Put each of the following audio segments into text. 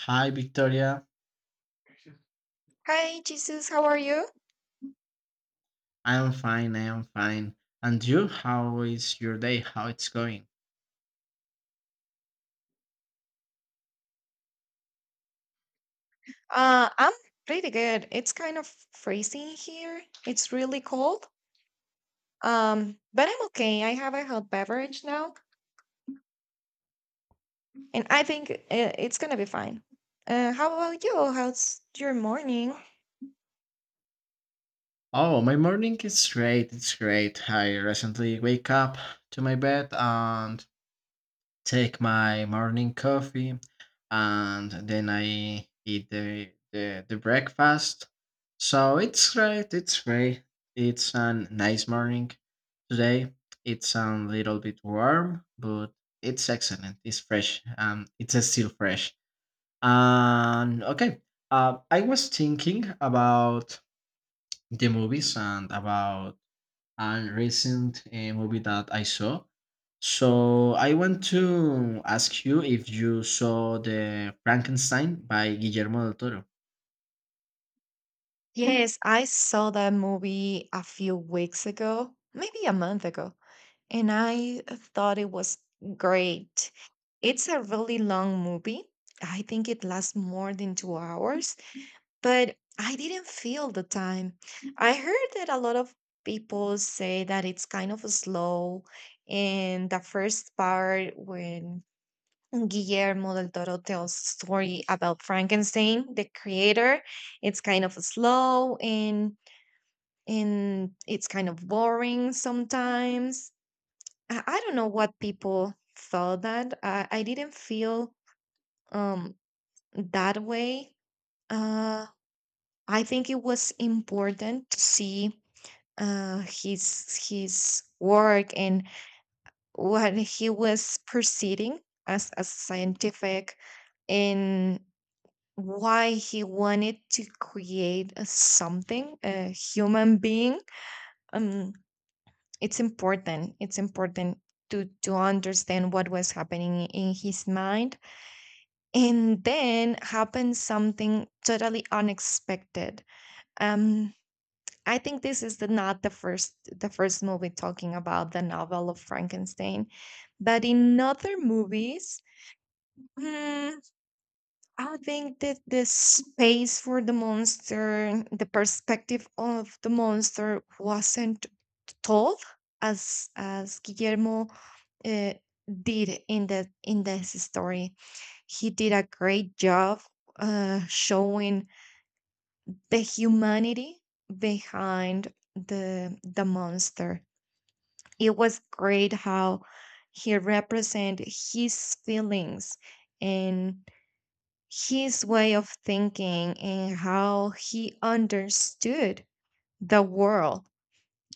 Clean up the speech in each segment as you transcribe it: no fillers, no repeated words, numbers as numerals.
Hi, Victoria. I am fine. And you? How is your day? How it's going? I'm pretty good. It's kind of freezing here. It's really cold. But I'm okay. I have a hot beverage now, and I think it's gonna be fine. How about you? How's your morning? Oh, my morning is great. It's great. I recently wake up to my bed and take my morning coffee, and then I eat the breakfast. So it's great. It's great. It's a nice morning today. It's a little bit warm, but it's excellent. It's fresh. It's still fresh. And okay, I was thinking about the movies and about a recent movie that I saw. So I want to ask you if you saw the Frankenstein by Guillermo del Toro. Yes, I saw that movie a few weeks ago, maybe a month ago, and I thought it was great. It's a really long movie. I think it lasts more than 2 hours, but I didn't feel the time. I heard that a lot of people say that it's kind of slow. And the first part, when Guillermo del Toro tells story about Frankenstein, the creator, it's kind of slow and it's kind of boring sometimes. I don't know what people thought that. I didn't feel um that way. Uh, I think it was important to see his work and what he was proceeding as a scientific, and why he wanted to create a something a human being. um it's important, it's important to understand what was happening in his mind, and then happened something totally unexpected. um I think this is the not the first the first movie talking about the novel of Frankenstein, but in other movies, mm, I think that the space for the monster, the perspective of the monster, wasn't told as Guillermo uh, did in the in this story. He did a great job showing the humanity behind the monster. It was great how he represented his feelings, and his way of thinking and how he understood the world.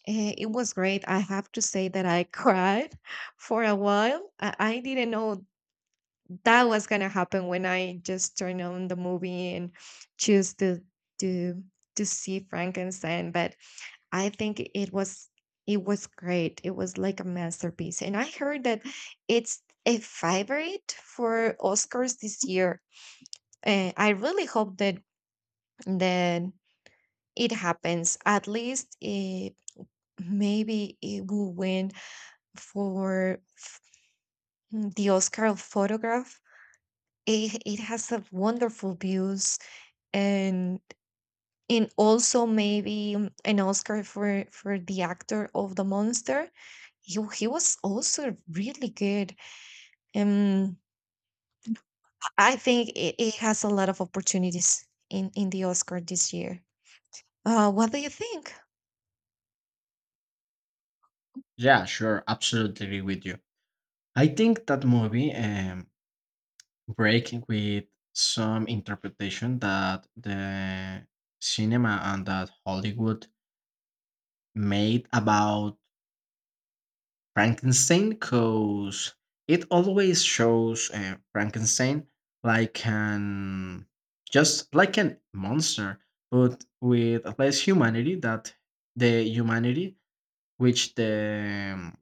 It was great. I have to say that I cried for a while. I didn't know that was going to happen when I just turned on the movie and choose to to see Frankenstein, but I think it was great. It was like a masterpiece. And I heard that it's a favorite for Oscars this year. I really hope that that it happens. At least it, maybe it will win for the Oscar of photograph. It has a wonderful views, and also maybe an Oscar for the actor of the monster. He was also really good. Um, I think it has a lot of opportunities in the Oscar this year. What do you think? Yeah, sure, absolutely agree with you. I think that movie break with some interpretation that the cinema and that Hollywood made about Frankenstein because it always shows Frankenstein like an just like an monster, but with less humanity that the humanity which the um,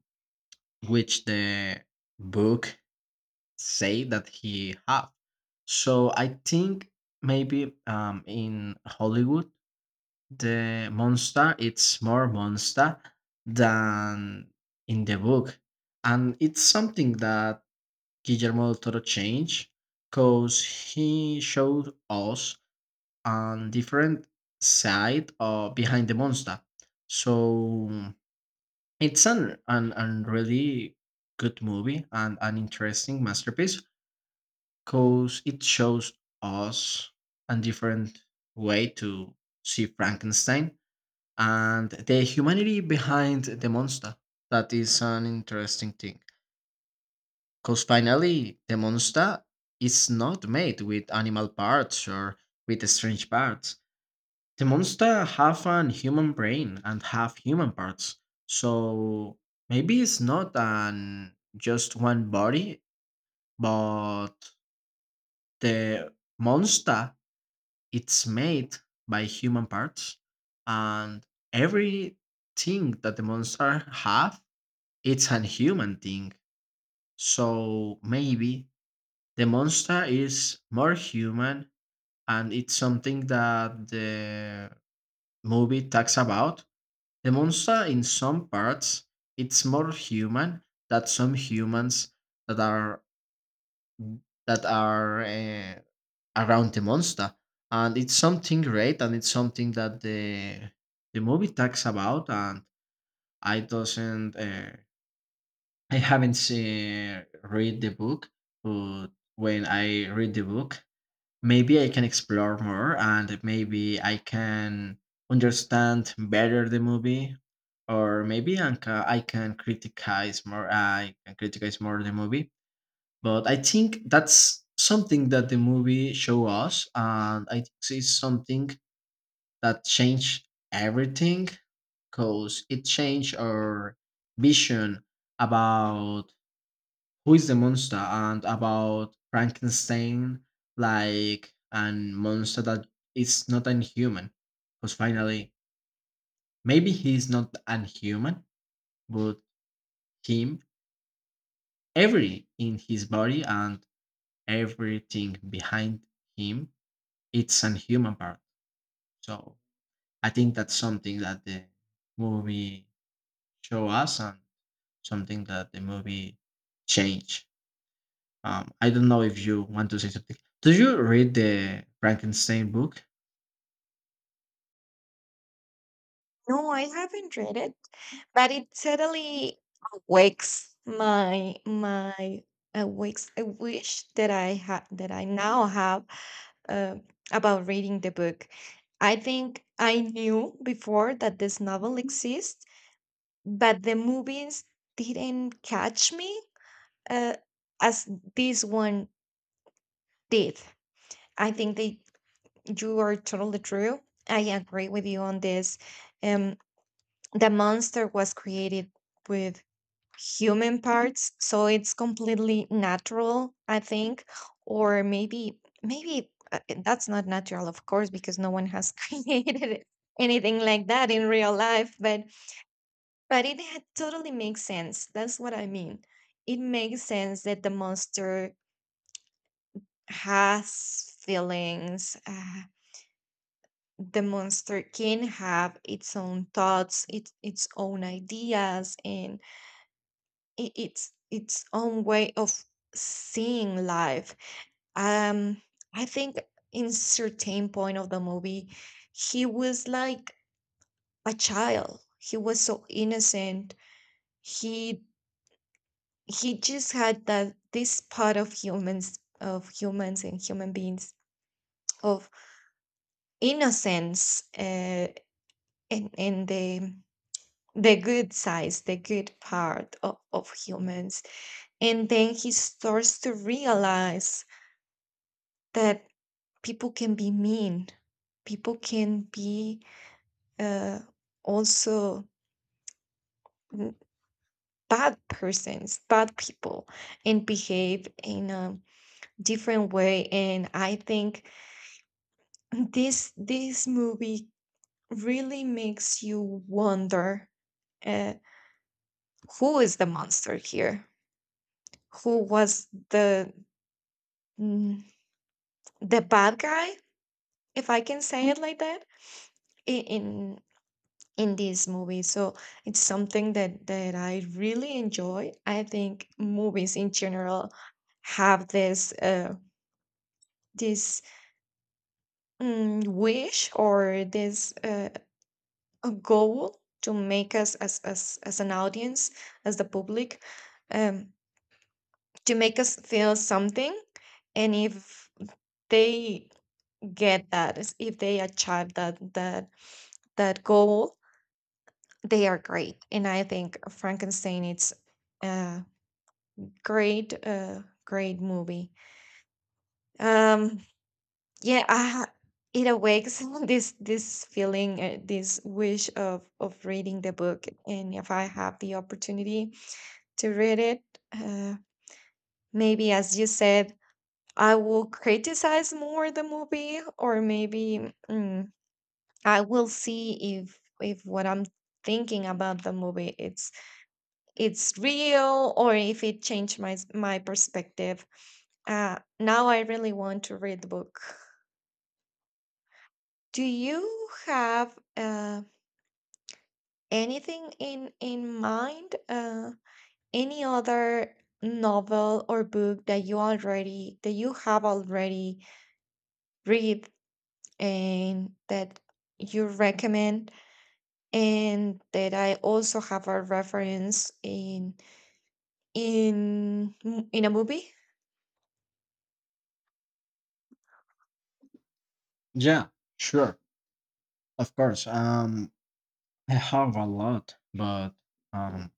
which the book say that he have. So I think maybe in Hollywood the monster it's more monster than in the book, and it's something that Guillermo del Toro changed because he showed us a different side of behind the monster. So it's an really good movie and an interesting masterpiece because it shows us a different way to see Frankenstein and the humanity behind the monster. That is an interesting thing. Because finally, the monster is not made with animal parts or with strange parts. The monster have an human brain and have human parts. So maybe it's not an just one body, but the monster it's made by human parts and everything that the monster have It's an human thing. So maybe the monster is more human and it's something that the movie talks about. The monster in some parts it's more human than some humans that are that are around the monster and it's something great and it's something that the movie talks about and I doesn't uh, I haven't read the book, but when I read the book, maybe I can explore more and maybe I can understand better the movie, or maybe I can criticize more. I can criticize more the movie, but I think that's something that the movie show us, and I think it's something that changed everything, because it changed our vision about who is the Monster and about Frankenstein, like an monster that is not inhuman. Because finally, maybe he's not unhuman, but him, every in his body and everything behind him, it's an human part. So I think that's something that the movie show us and something that the movie change. I don't know if you want to say something. Do you read the Frankenstein book? No, I haven't read it, but it certainly awakes my awakes a wish that I had that I now have uh, about reading the book. I think I knew before that this novel exists, but the movies didn't catch me uh, as this one did. I think that you are totally true. I agree with you on this. Um, the monster was created with human parts, so it's completely natural, I think, or maybe that's not natural, of course, because no one has created anything like that in real life, but totally makes sense. That's what I mean. It makes sense that the monster has feelings. The monster can have its own thoughts, its own ideas, and it's its own way of seeing life. Um, I think in certain point of the movie, he was like a child. He was so innocent. He he just had that this part of humans and human beings of innocence. And the good sides, the good part of humans. And then he starts to realize that people can be mean, people can be uh, also bad persons, bad people, and behave in a different way. And I think this movie really makes you wonder uh, who is the monster here, who was the mm, the bad guy, if I can say it like that, in, in in these movies. So it's something that I really enjoy. I think movies in general have this this wish, or this a goal to make us as an audience, as the public, um, to make us feel something. And if they get that, as if they achieve that that goal, they are great. And I think Frankenstein it's uh, great, great movie. Um, yeah, it awakes this feeling, this wish of reading the book. And if I have the opportunity to read it, uh, maybe as you said, I will criticize more the movie, or maybe I will see if what I'm thinking about the movie it's real, or if it changed my perspective. Now I really want to read the book. Do you have anything in mind? Any other novel or book that you already that you have already read, and that you recommend, and that I also have a reference in in in a movie? Yeah, sure, of course. I have a lot, but um,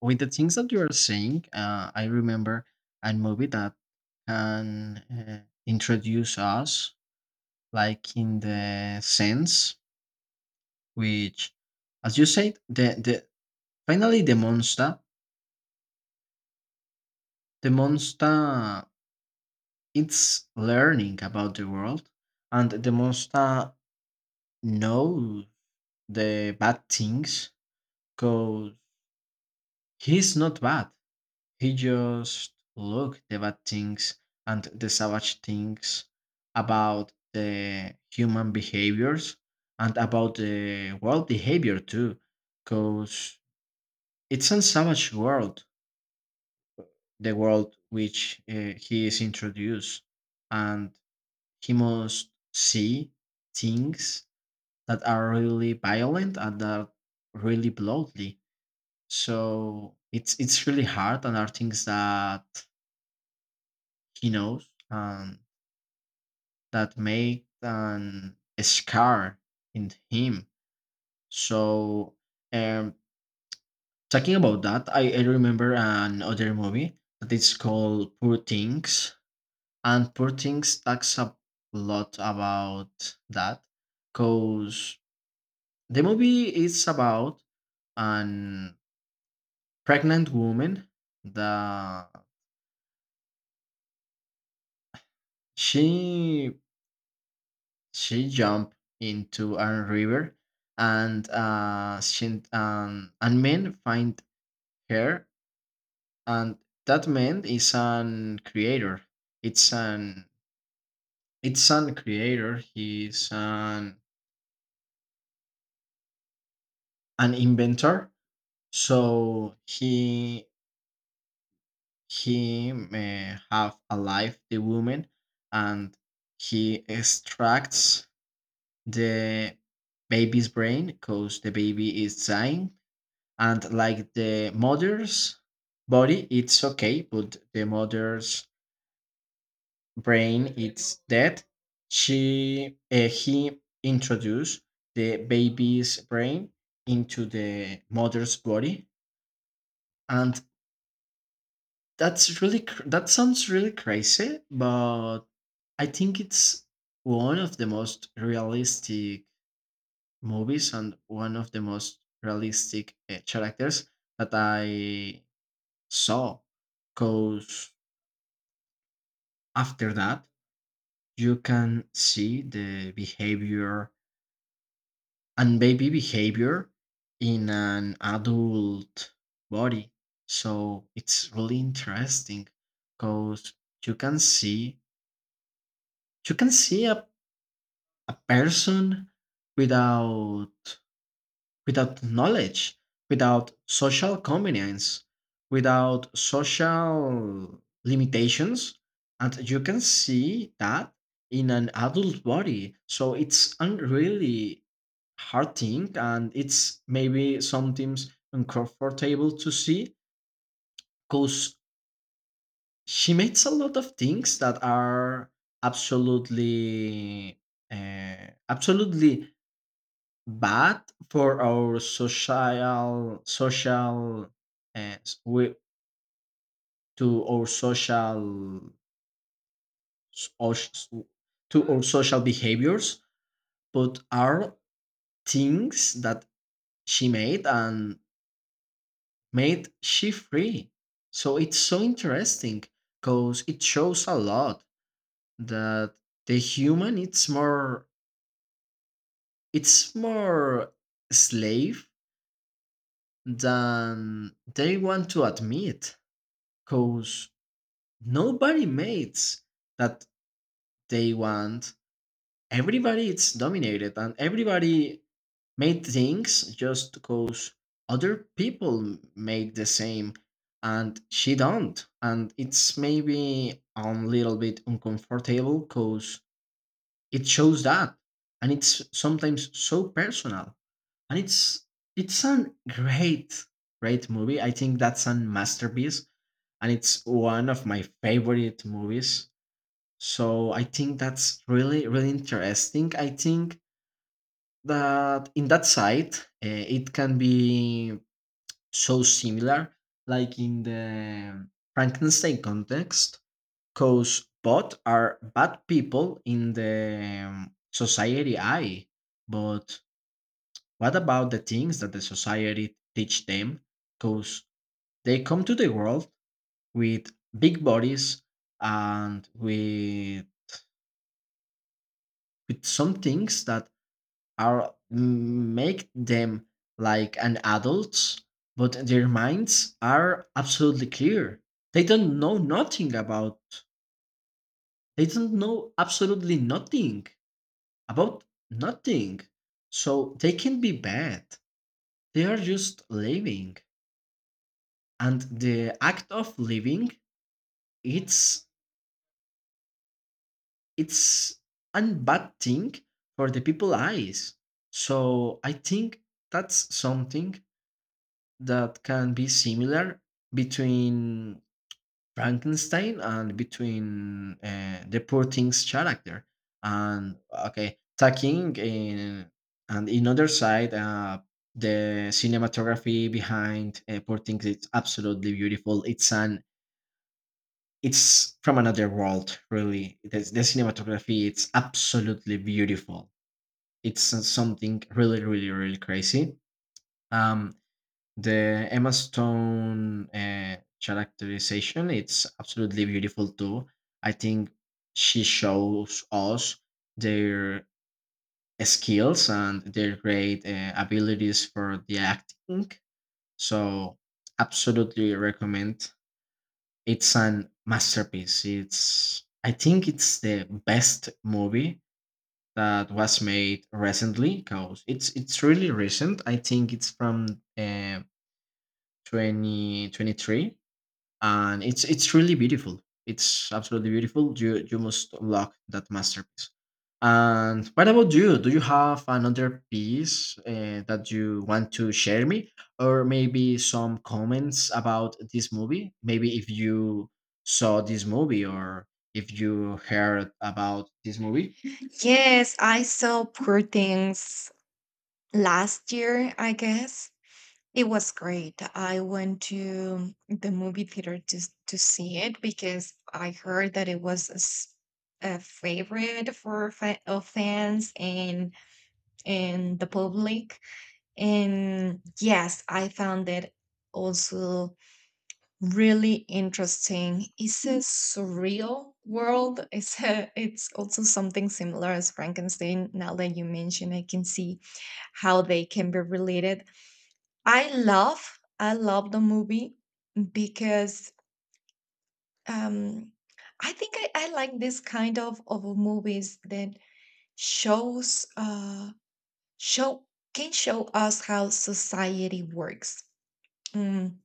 with the things that you are saying, I remember a movie that can introduce us, like in the sense which, as you said, the finally the monster, the monster, it's learning about the world, and the monster know the bad things because he's not bad. He just look the bad things and the savage things about the human behaviors and about the world behavior too, because it's a savage world, the world which he is introduced, and he must see things that are really violent and that are really bloody. So it's really hard, and are things that he knows and that make an a scar in him. So um, talking about that, I remember another movie that is called Poor Things, and Poor Things talks a lot about that, because the movie is about an pregnant woman that she she jumped into a river and and men find her and that man is an creator it's an it's an creator he's an inventor so he may have alive the woman and he extracts the baby's brain because the baby is dying and like the mother's body it's okay but the mother's brain it's dead she he introduced the baby's brain into the mother's body and that sounds really crazy but I think it's one of the most realistic movies and one of the most realistic characters that I saw because after that, you can see the behavior and baby behavior in an adult body. So it's really interesting because you can see you can see a person without without knowledge, without social convenience, without social limitations. And you can see that in an adult body. So it's a really hard thing and it's maybe sometimes uncomfortable to see because she makes a lot of things that are absolutely uh, absolutely bad for our social social uh, we, to our social soc- to our social behaviors but are things that she made and made she free so it's so interesting because it shows a lot that the human it's more slave than they want to admit because nobody makes that they want. Everybody is dominated and everybody made things just because other people made the same and she don't. And it's maybe a little bit uncomfortable because it shows that. And it's sometimes so personal. And it's a great, great movie. I think that's a masterpiece. And it's one of my favorite movies. So I think that's really, really interesting. I think that in that side, it can be so similar, like in the Frankenstein context, because both are bad people in the society eye. But what about the things that the society teach them? Because they come to the world with big bodies and with some things that are make them like an adults but their minds are absolutely clear they don't know nothing about they don't know absolutely nothing about nothing so they can be bad they are just living and the act of living it's it's a bad thing for the people eyes so I think that's something that can be similar between Frankenstein and between the poor thing's character. And okay, taking in and in other side, the cinematography behind poor things it's absolutely beautiful. It's an it's from another world, really. The cinematography it's absolutely beautiful. It's something really, really, really crazy. Um, The Emma Stone characterization, it's absolutely beautiful too. I think she shows us their skills and their great abilities for the acting. So absolutely recommend. It's an masterpiece. It's I think it's the best movie that was made recently because it's really recent. I think it's from uh, 2023 and it's really beautiful. It's absolutely beautiful. You must unlock that masterpiece. And what about you? Do you have another piece that you want to share me, or maybe some comments about this movie? Maybe if you saw this movie or if you heard about this movie, Yes, I saw Poor Things last year, I guess. It was great. I went to the movie theater to, to see it because I heard that it was a, a favorite for of fans and the public. And yes, I found it also really interesting. It's a surreal world. It's a, it's also something similar as Frankenstein. Now that you mention, I can see how they can be related. I love the movie because um, I think I like this kind of movies that shows show can show us how society works. Mm,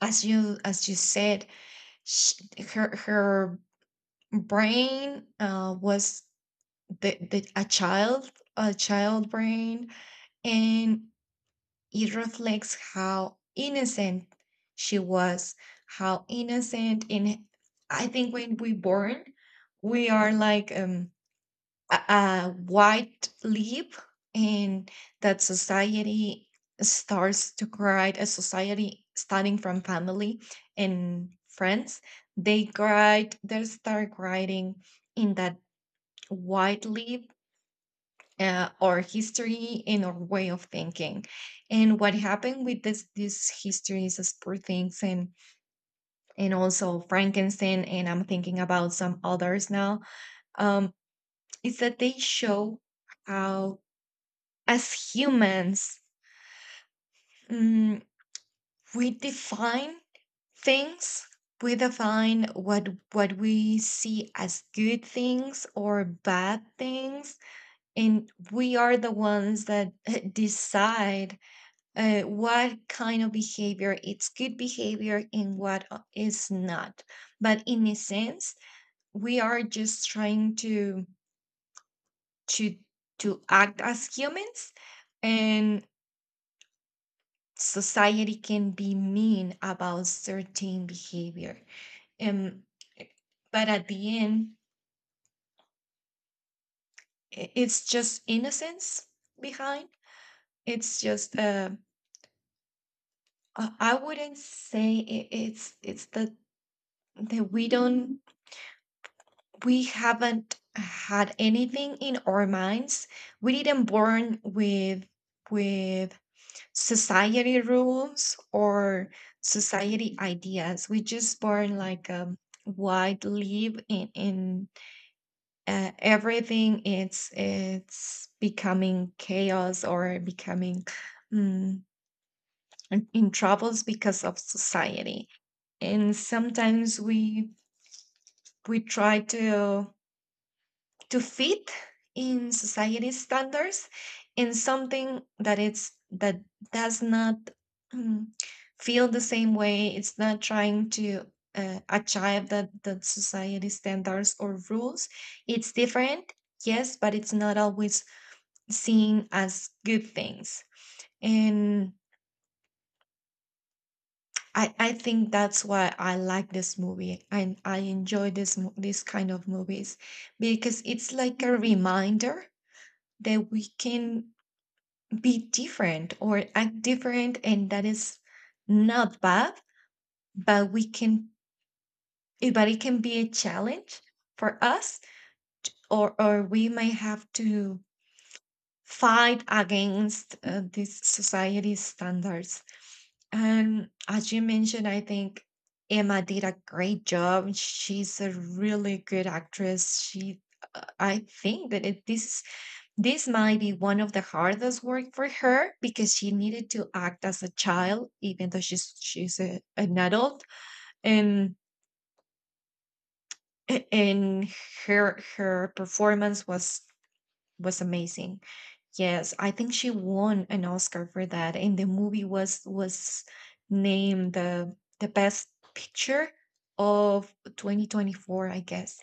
as you said, sh her brain was the a child brain, and it reflects how innocent she was, how innocent. And I think when we born, we are like a white leap, and that society starts to create a society starting from family and friends. They cried, they start writing in that widely our history and our way of thinking. And what happened with this these histories as Poor Things, and also Frankenstein, and I'm thinking about some others now. um is that they show how as humans, mm, we define things, we define what we see as good things or bad things, and we are the ones that decide what kind of behavior it's good behavior, and what is not. But in a sense, we are just trying to to to act as humans, and society can be mean about certain behavior. um, but at the end, it's just innocence behind. It's just I wouldn't say it's the that we don't, we haven't had anything in our minds. We didn't born with with society rules, or society ideas. We just born like wide leave in everything it's becoming chaos, or becoming mm, in troubles because of society. And sometimes we try to fit in society's standards, and something that it's that does not mm, feel the same way, it's not trying to achieve that society standards or rules, it's different, yes, but it's not always seen as good things. And I think that's why I like this movie, and I enjoy this kind of movies, because it's like a reminder that we can be different or act different, and that is not bad. But we but it can be a challenge for us, or we may have to fight against these society standards. And as you mentioned, I think Emma did a great job. She's a really good actress. She I think that this this might be one of the hardest work for her, because she needed to act as a child, even though she's a, an adult, and and her performance was amazing. Yes, I think she won an Oscar for that, and the movie was named the best picture of 2024, I guess.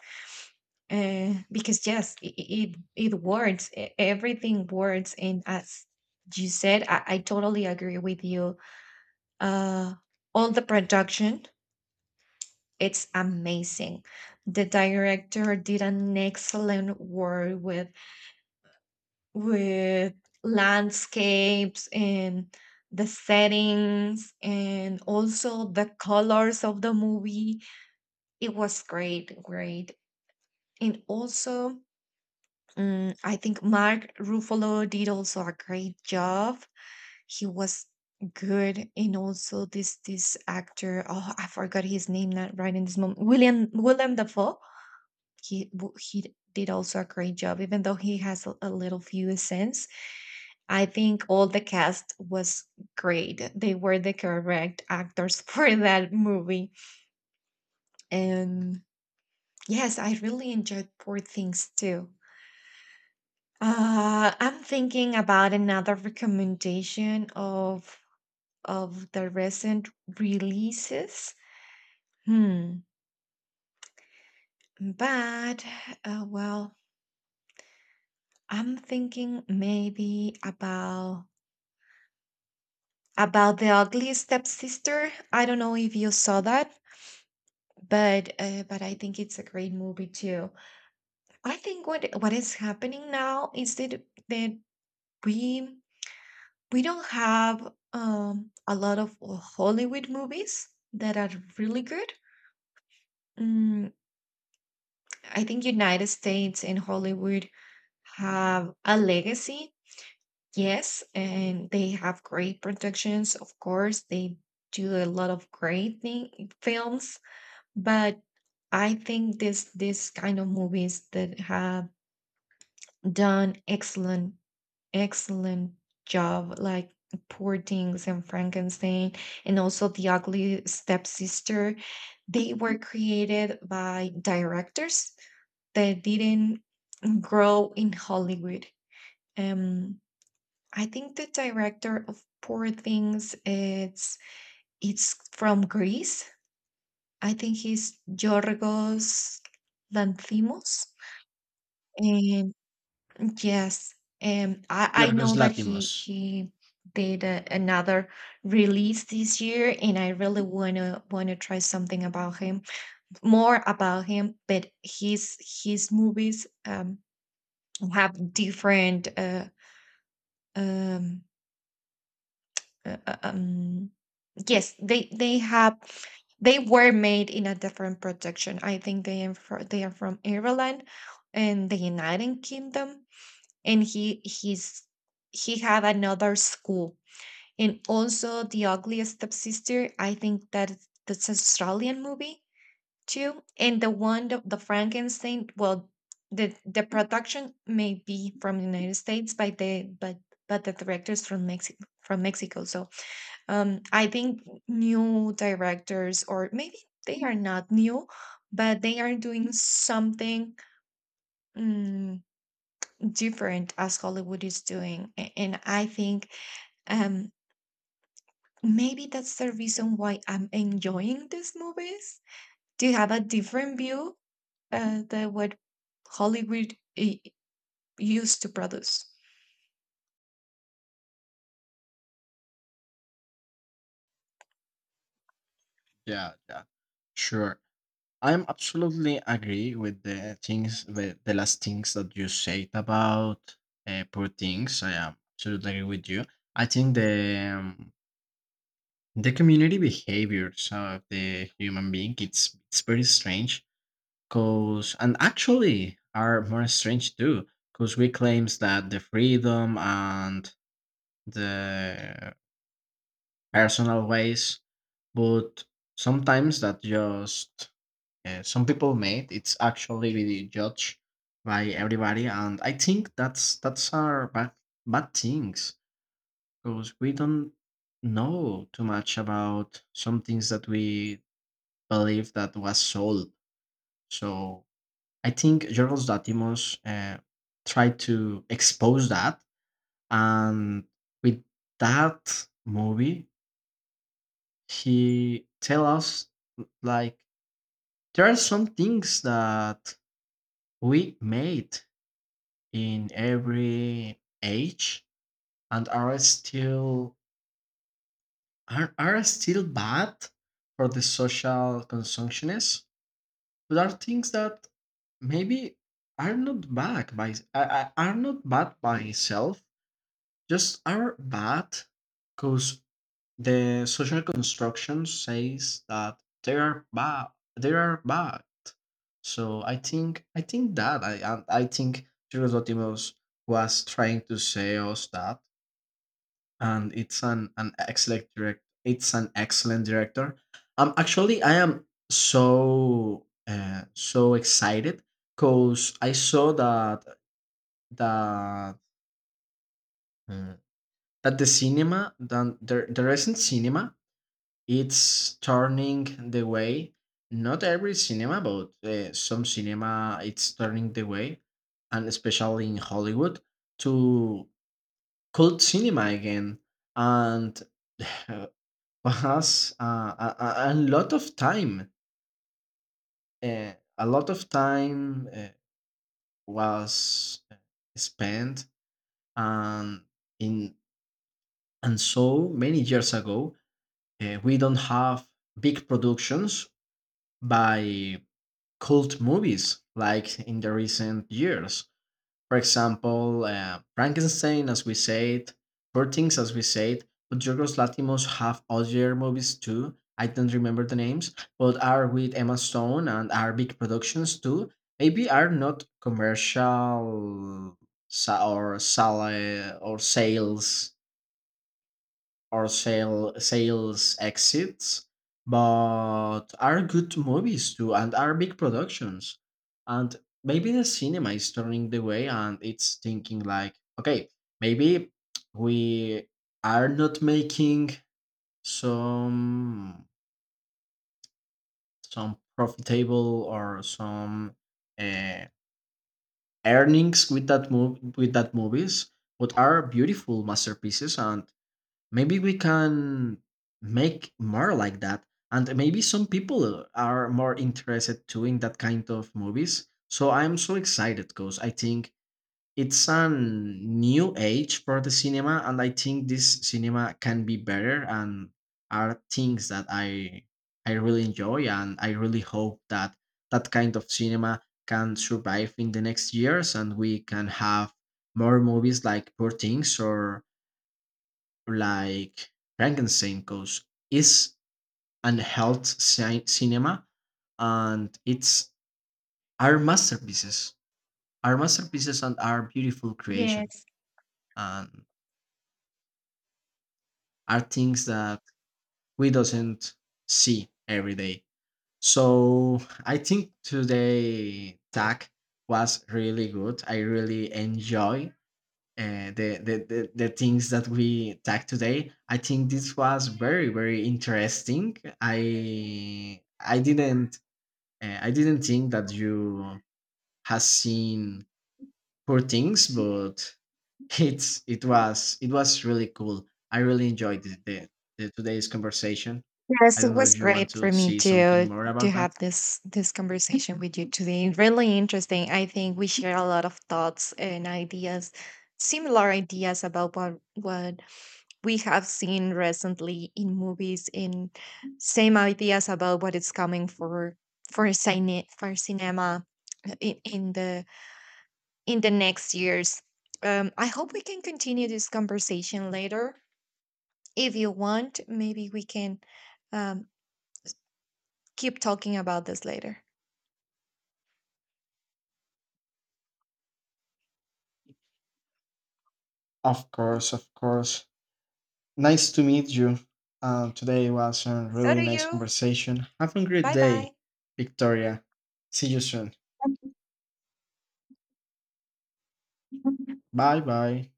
Because yes, it works. Everything works, and as you said, I totally agree with you. Uh, all the production, it's amazing. The director did an excellent work with with landscapes and the settings, and also the colors of the movie. It was great, and also I think Mark Ruffalo did also a great job. He was good, and also this actor. Oh, I forgot his name not right in this moment. William Dafoe. He did also a great job, even though he has a little few cents. I think all the cast was great. They were the correct actors for that movie, and yes, I really enjoyed Poor Things too. I'm thinking about another recommendation of the recent releases. Hmm. But well, I'm thinking maybe about the Ugly Stepsister. I don't know if you saw that, but I think it's a great movie too. I think what is happening now is that we don't have a lot of Hollywood movies that are really good. Mm, I think United States and Hollywood have a legacy, yes, and they have great productions. Of course, they do a lot of great thing, films, but I think this kind of movies that have done excellent job like Poor Things and Frankenstein, and also the Ugly Stepsister, they were created by directors that didn't grow in Hollywood. um I think the director of Poor Things it's from Greece. I think he's Yorgos Lanthimos. And. Yes, and I Yorgos know that Latimos. he did a, another release this year, and I really wanna try something about him, more about him. But his movies have different um. Uh, uh, um yes, they have they were made in a different protection. I think they are from Ireland and the United Kingdom, and he had another school. And also The Ugliest Stepsister, I think that that's an Australian movie too. And the one the Frankenstein, well, the production may be from the United States, but the directors from Mexico from Mexico. So I think new directors, or maybe they are not new, but they are doing something mm, different as Hollywood is doing. And I think um maybe that's the reason why I'm enjoying these movies. Do you have a different view than what Hollywood used to produce? Yeah, yeah, sure. I'm absolutely agree with the things the last things that you said about poor things. I am absolutely agree with you. I think the community behaviors of the human being it's very strange because and actually are more strange too because we claims that the freedom and the personal ways, but sometimes that just some people made. It's actually really judged by everybody, and I think that's our bad bad things because we don't know too much about some things that we believe that was sold. So I think Jorgos Latimos tried to expose that, and with that movie, he tell us like there are some things that we made in every age and are still bad for the social consumptionists but are things that maybe are are not bad by itself just are bad because the social construction says that they are bad so I think that I think Chirus Dotimos was trying to say us that and it's an excellent direct it's an excellent director. Actually I am so excited because I saw that uh, that the the recent cinema it's turning the way not every cinema but some cinema it's turning the way and especially in hollywood to cult cinema again and was a lot of time. A lot of time was spent, and in and so many years ago, we don't have big productions by cult movies like in the recent years. For example, Frankenstein, as we said, Poor Things, as we said, but Yorgos Lanthimos have other movies too. I don't remember the names, but are with Emma Stone and are big productions too. Maybe are not commercial sa- or sale or sales or sale, sales exits, but are good movies too and are big productions. And maybe the cinema is turning the way and it's thinking like, okay, maybe we are not making some some profitable or some uh, earnings with that move with that movies, but are beautiful masterpieces and maybe we can make more like that. And maybe some people are more interested to in that kind of movies. So I'm so excited because I think it's a new age for the cinema, and I think this cinema can be better and are things that I really enjoy, and I really hope that that kind of cinema can survive in the next years, and we can have more movies like Poor Things or like Frankenstein goes is cinema, and it's are masterpieces. Are masterpieces and are beautiful creations, Yes. and are things that we doesn't see every day. So I think today tag was really good. I really enjoy the, the things that we talked today. I think this was very very interesting. I didn't think that you has seen poor things, but it was really cool. I really enjoyed the today's conversation. I Yes, it don't know was if you want great to for me see something more to about that. have this conversation with you today. Really interesting. I think we share a lot of thoughts and ideas, similar ideas about what we have seen recently in movies, in same ideas about what is coming for cine for cinema in, in the in the next years. I hope we can continue this conversation later. If you want, maybe we can um, keep talking about this later. Of course, of course. Nice to meet you. Today was a So really do nice you. conversation. Have a great Bye day, bye. Victoria. See you soon. Bye bye.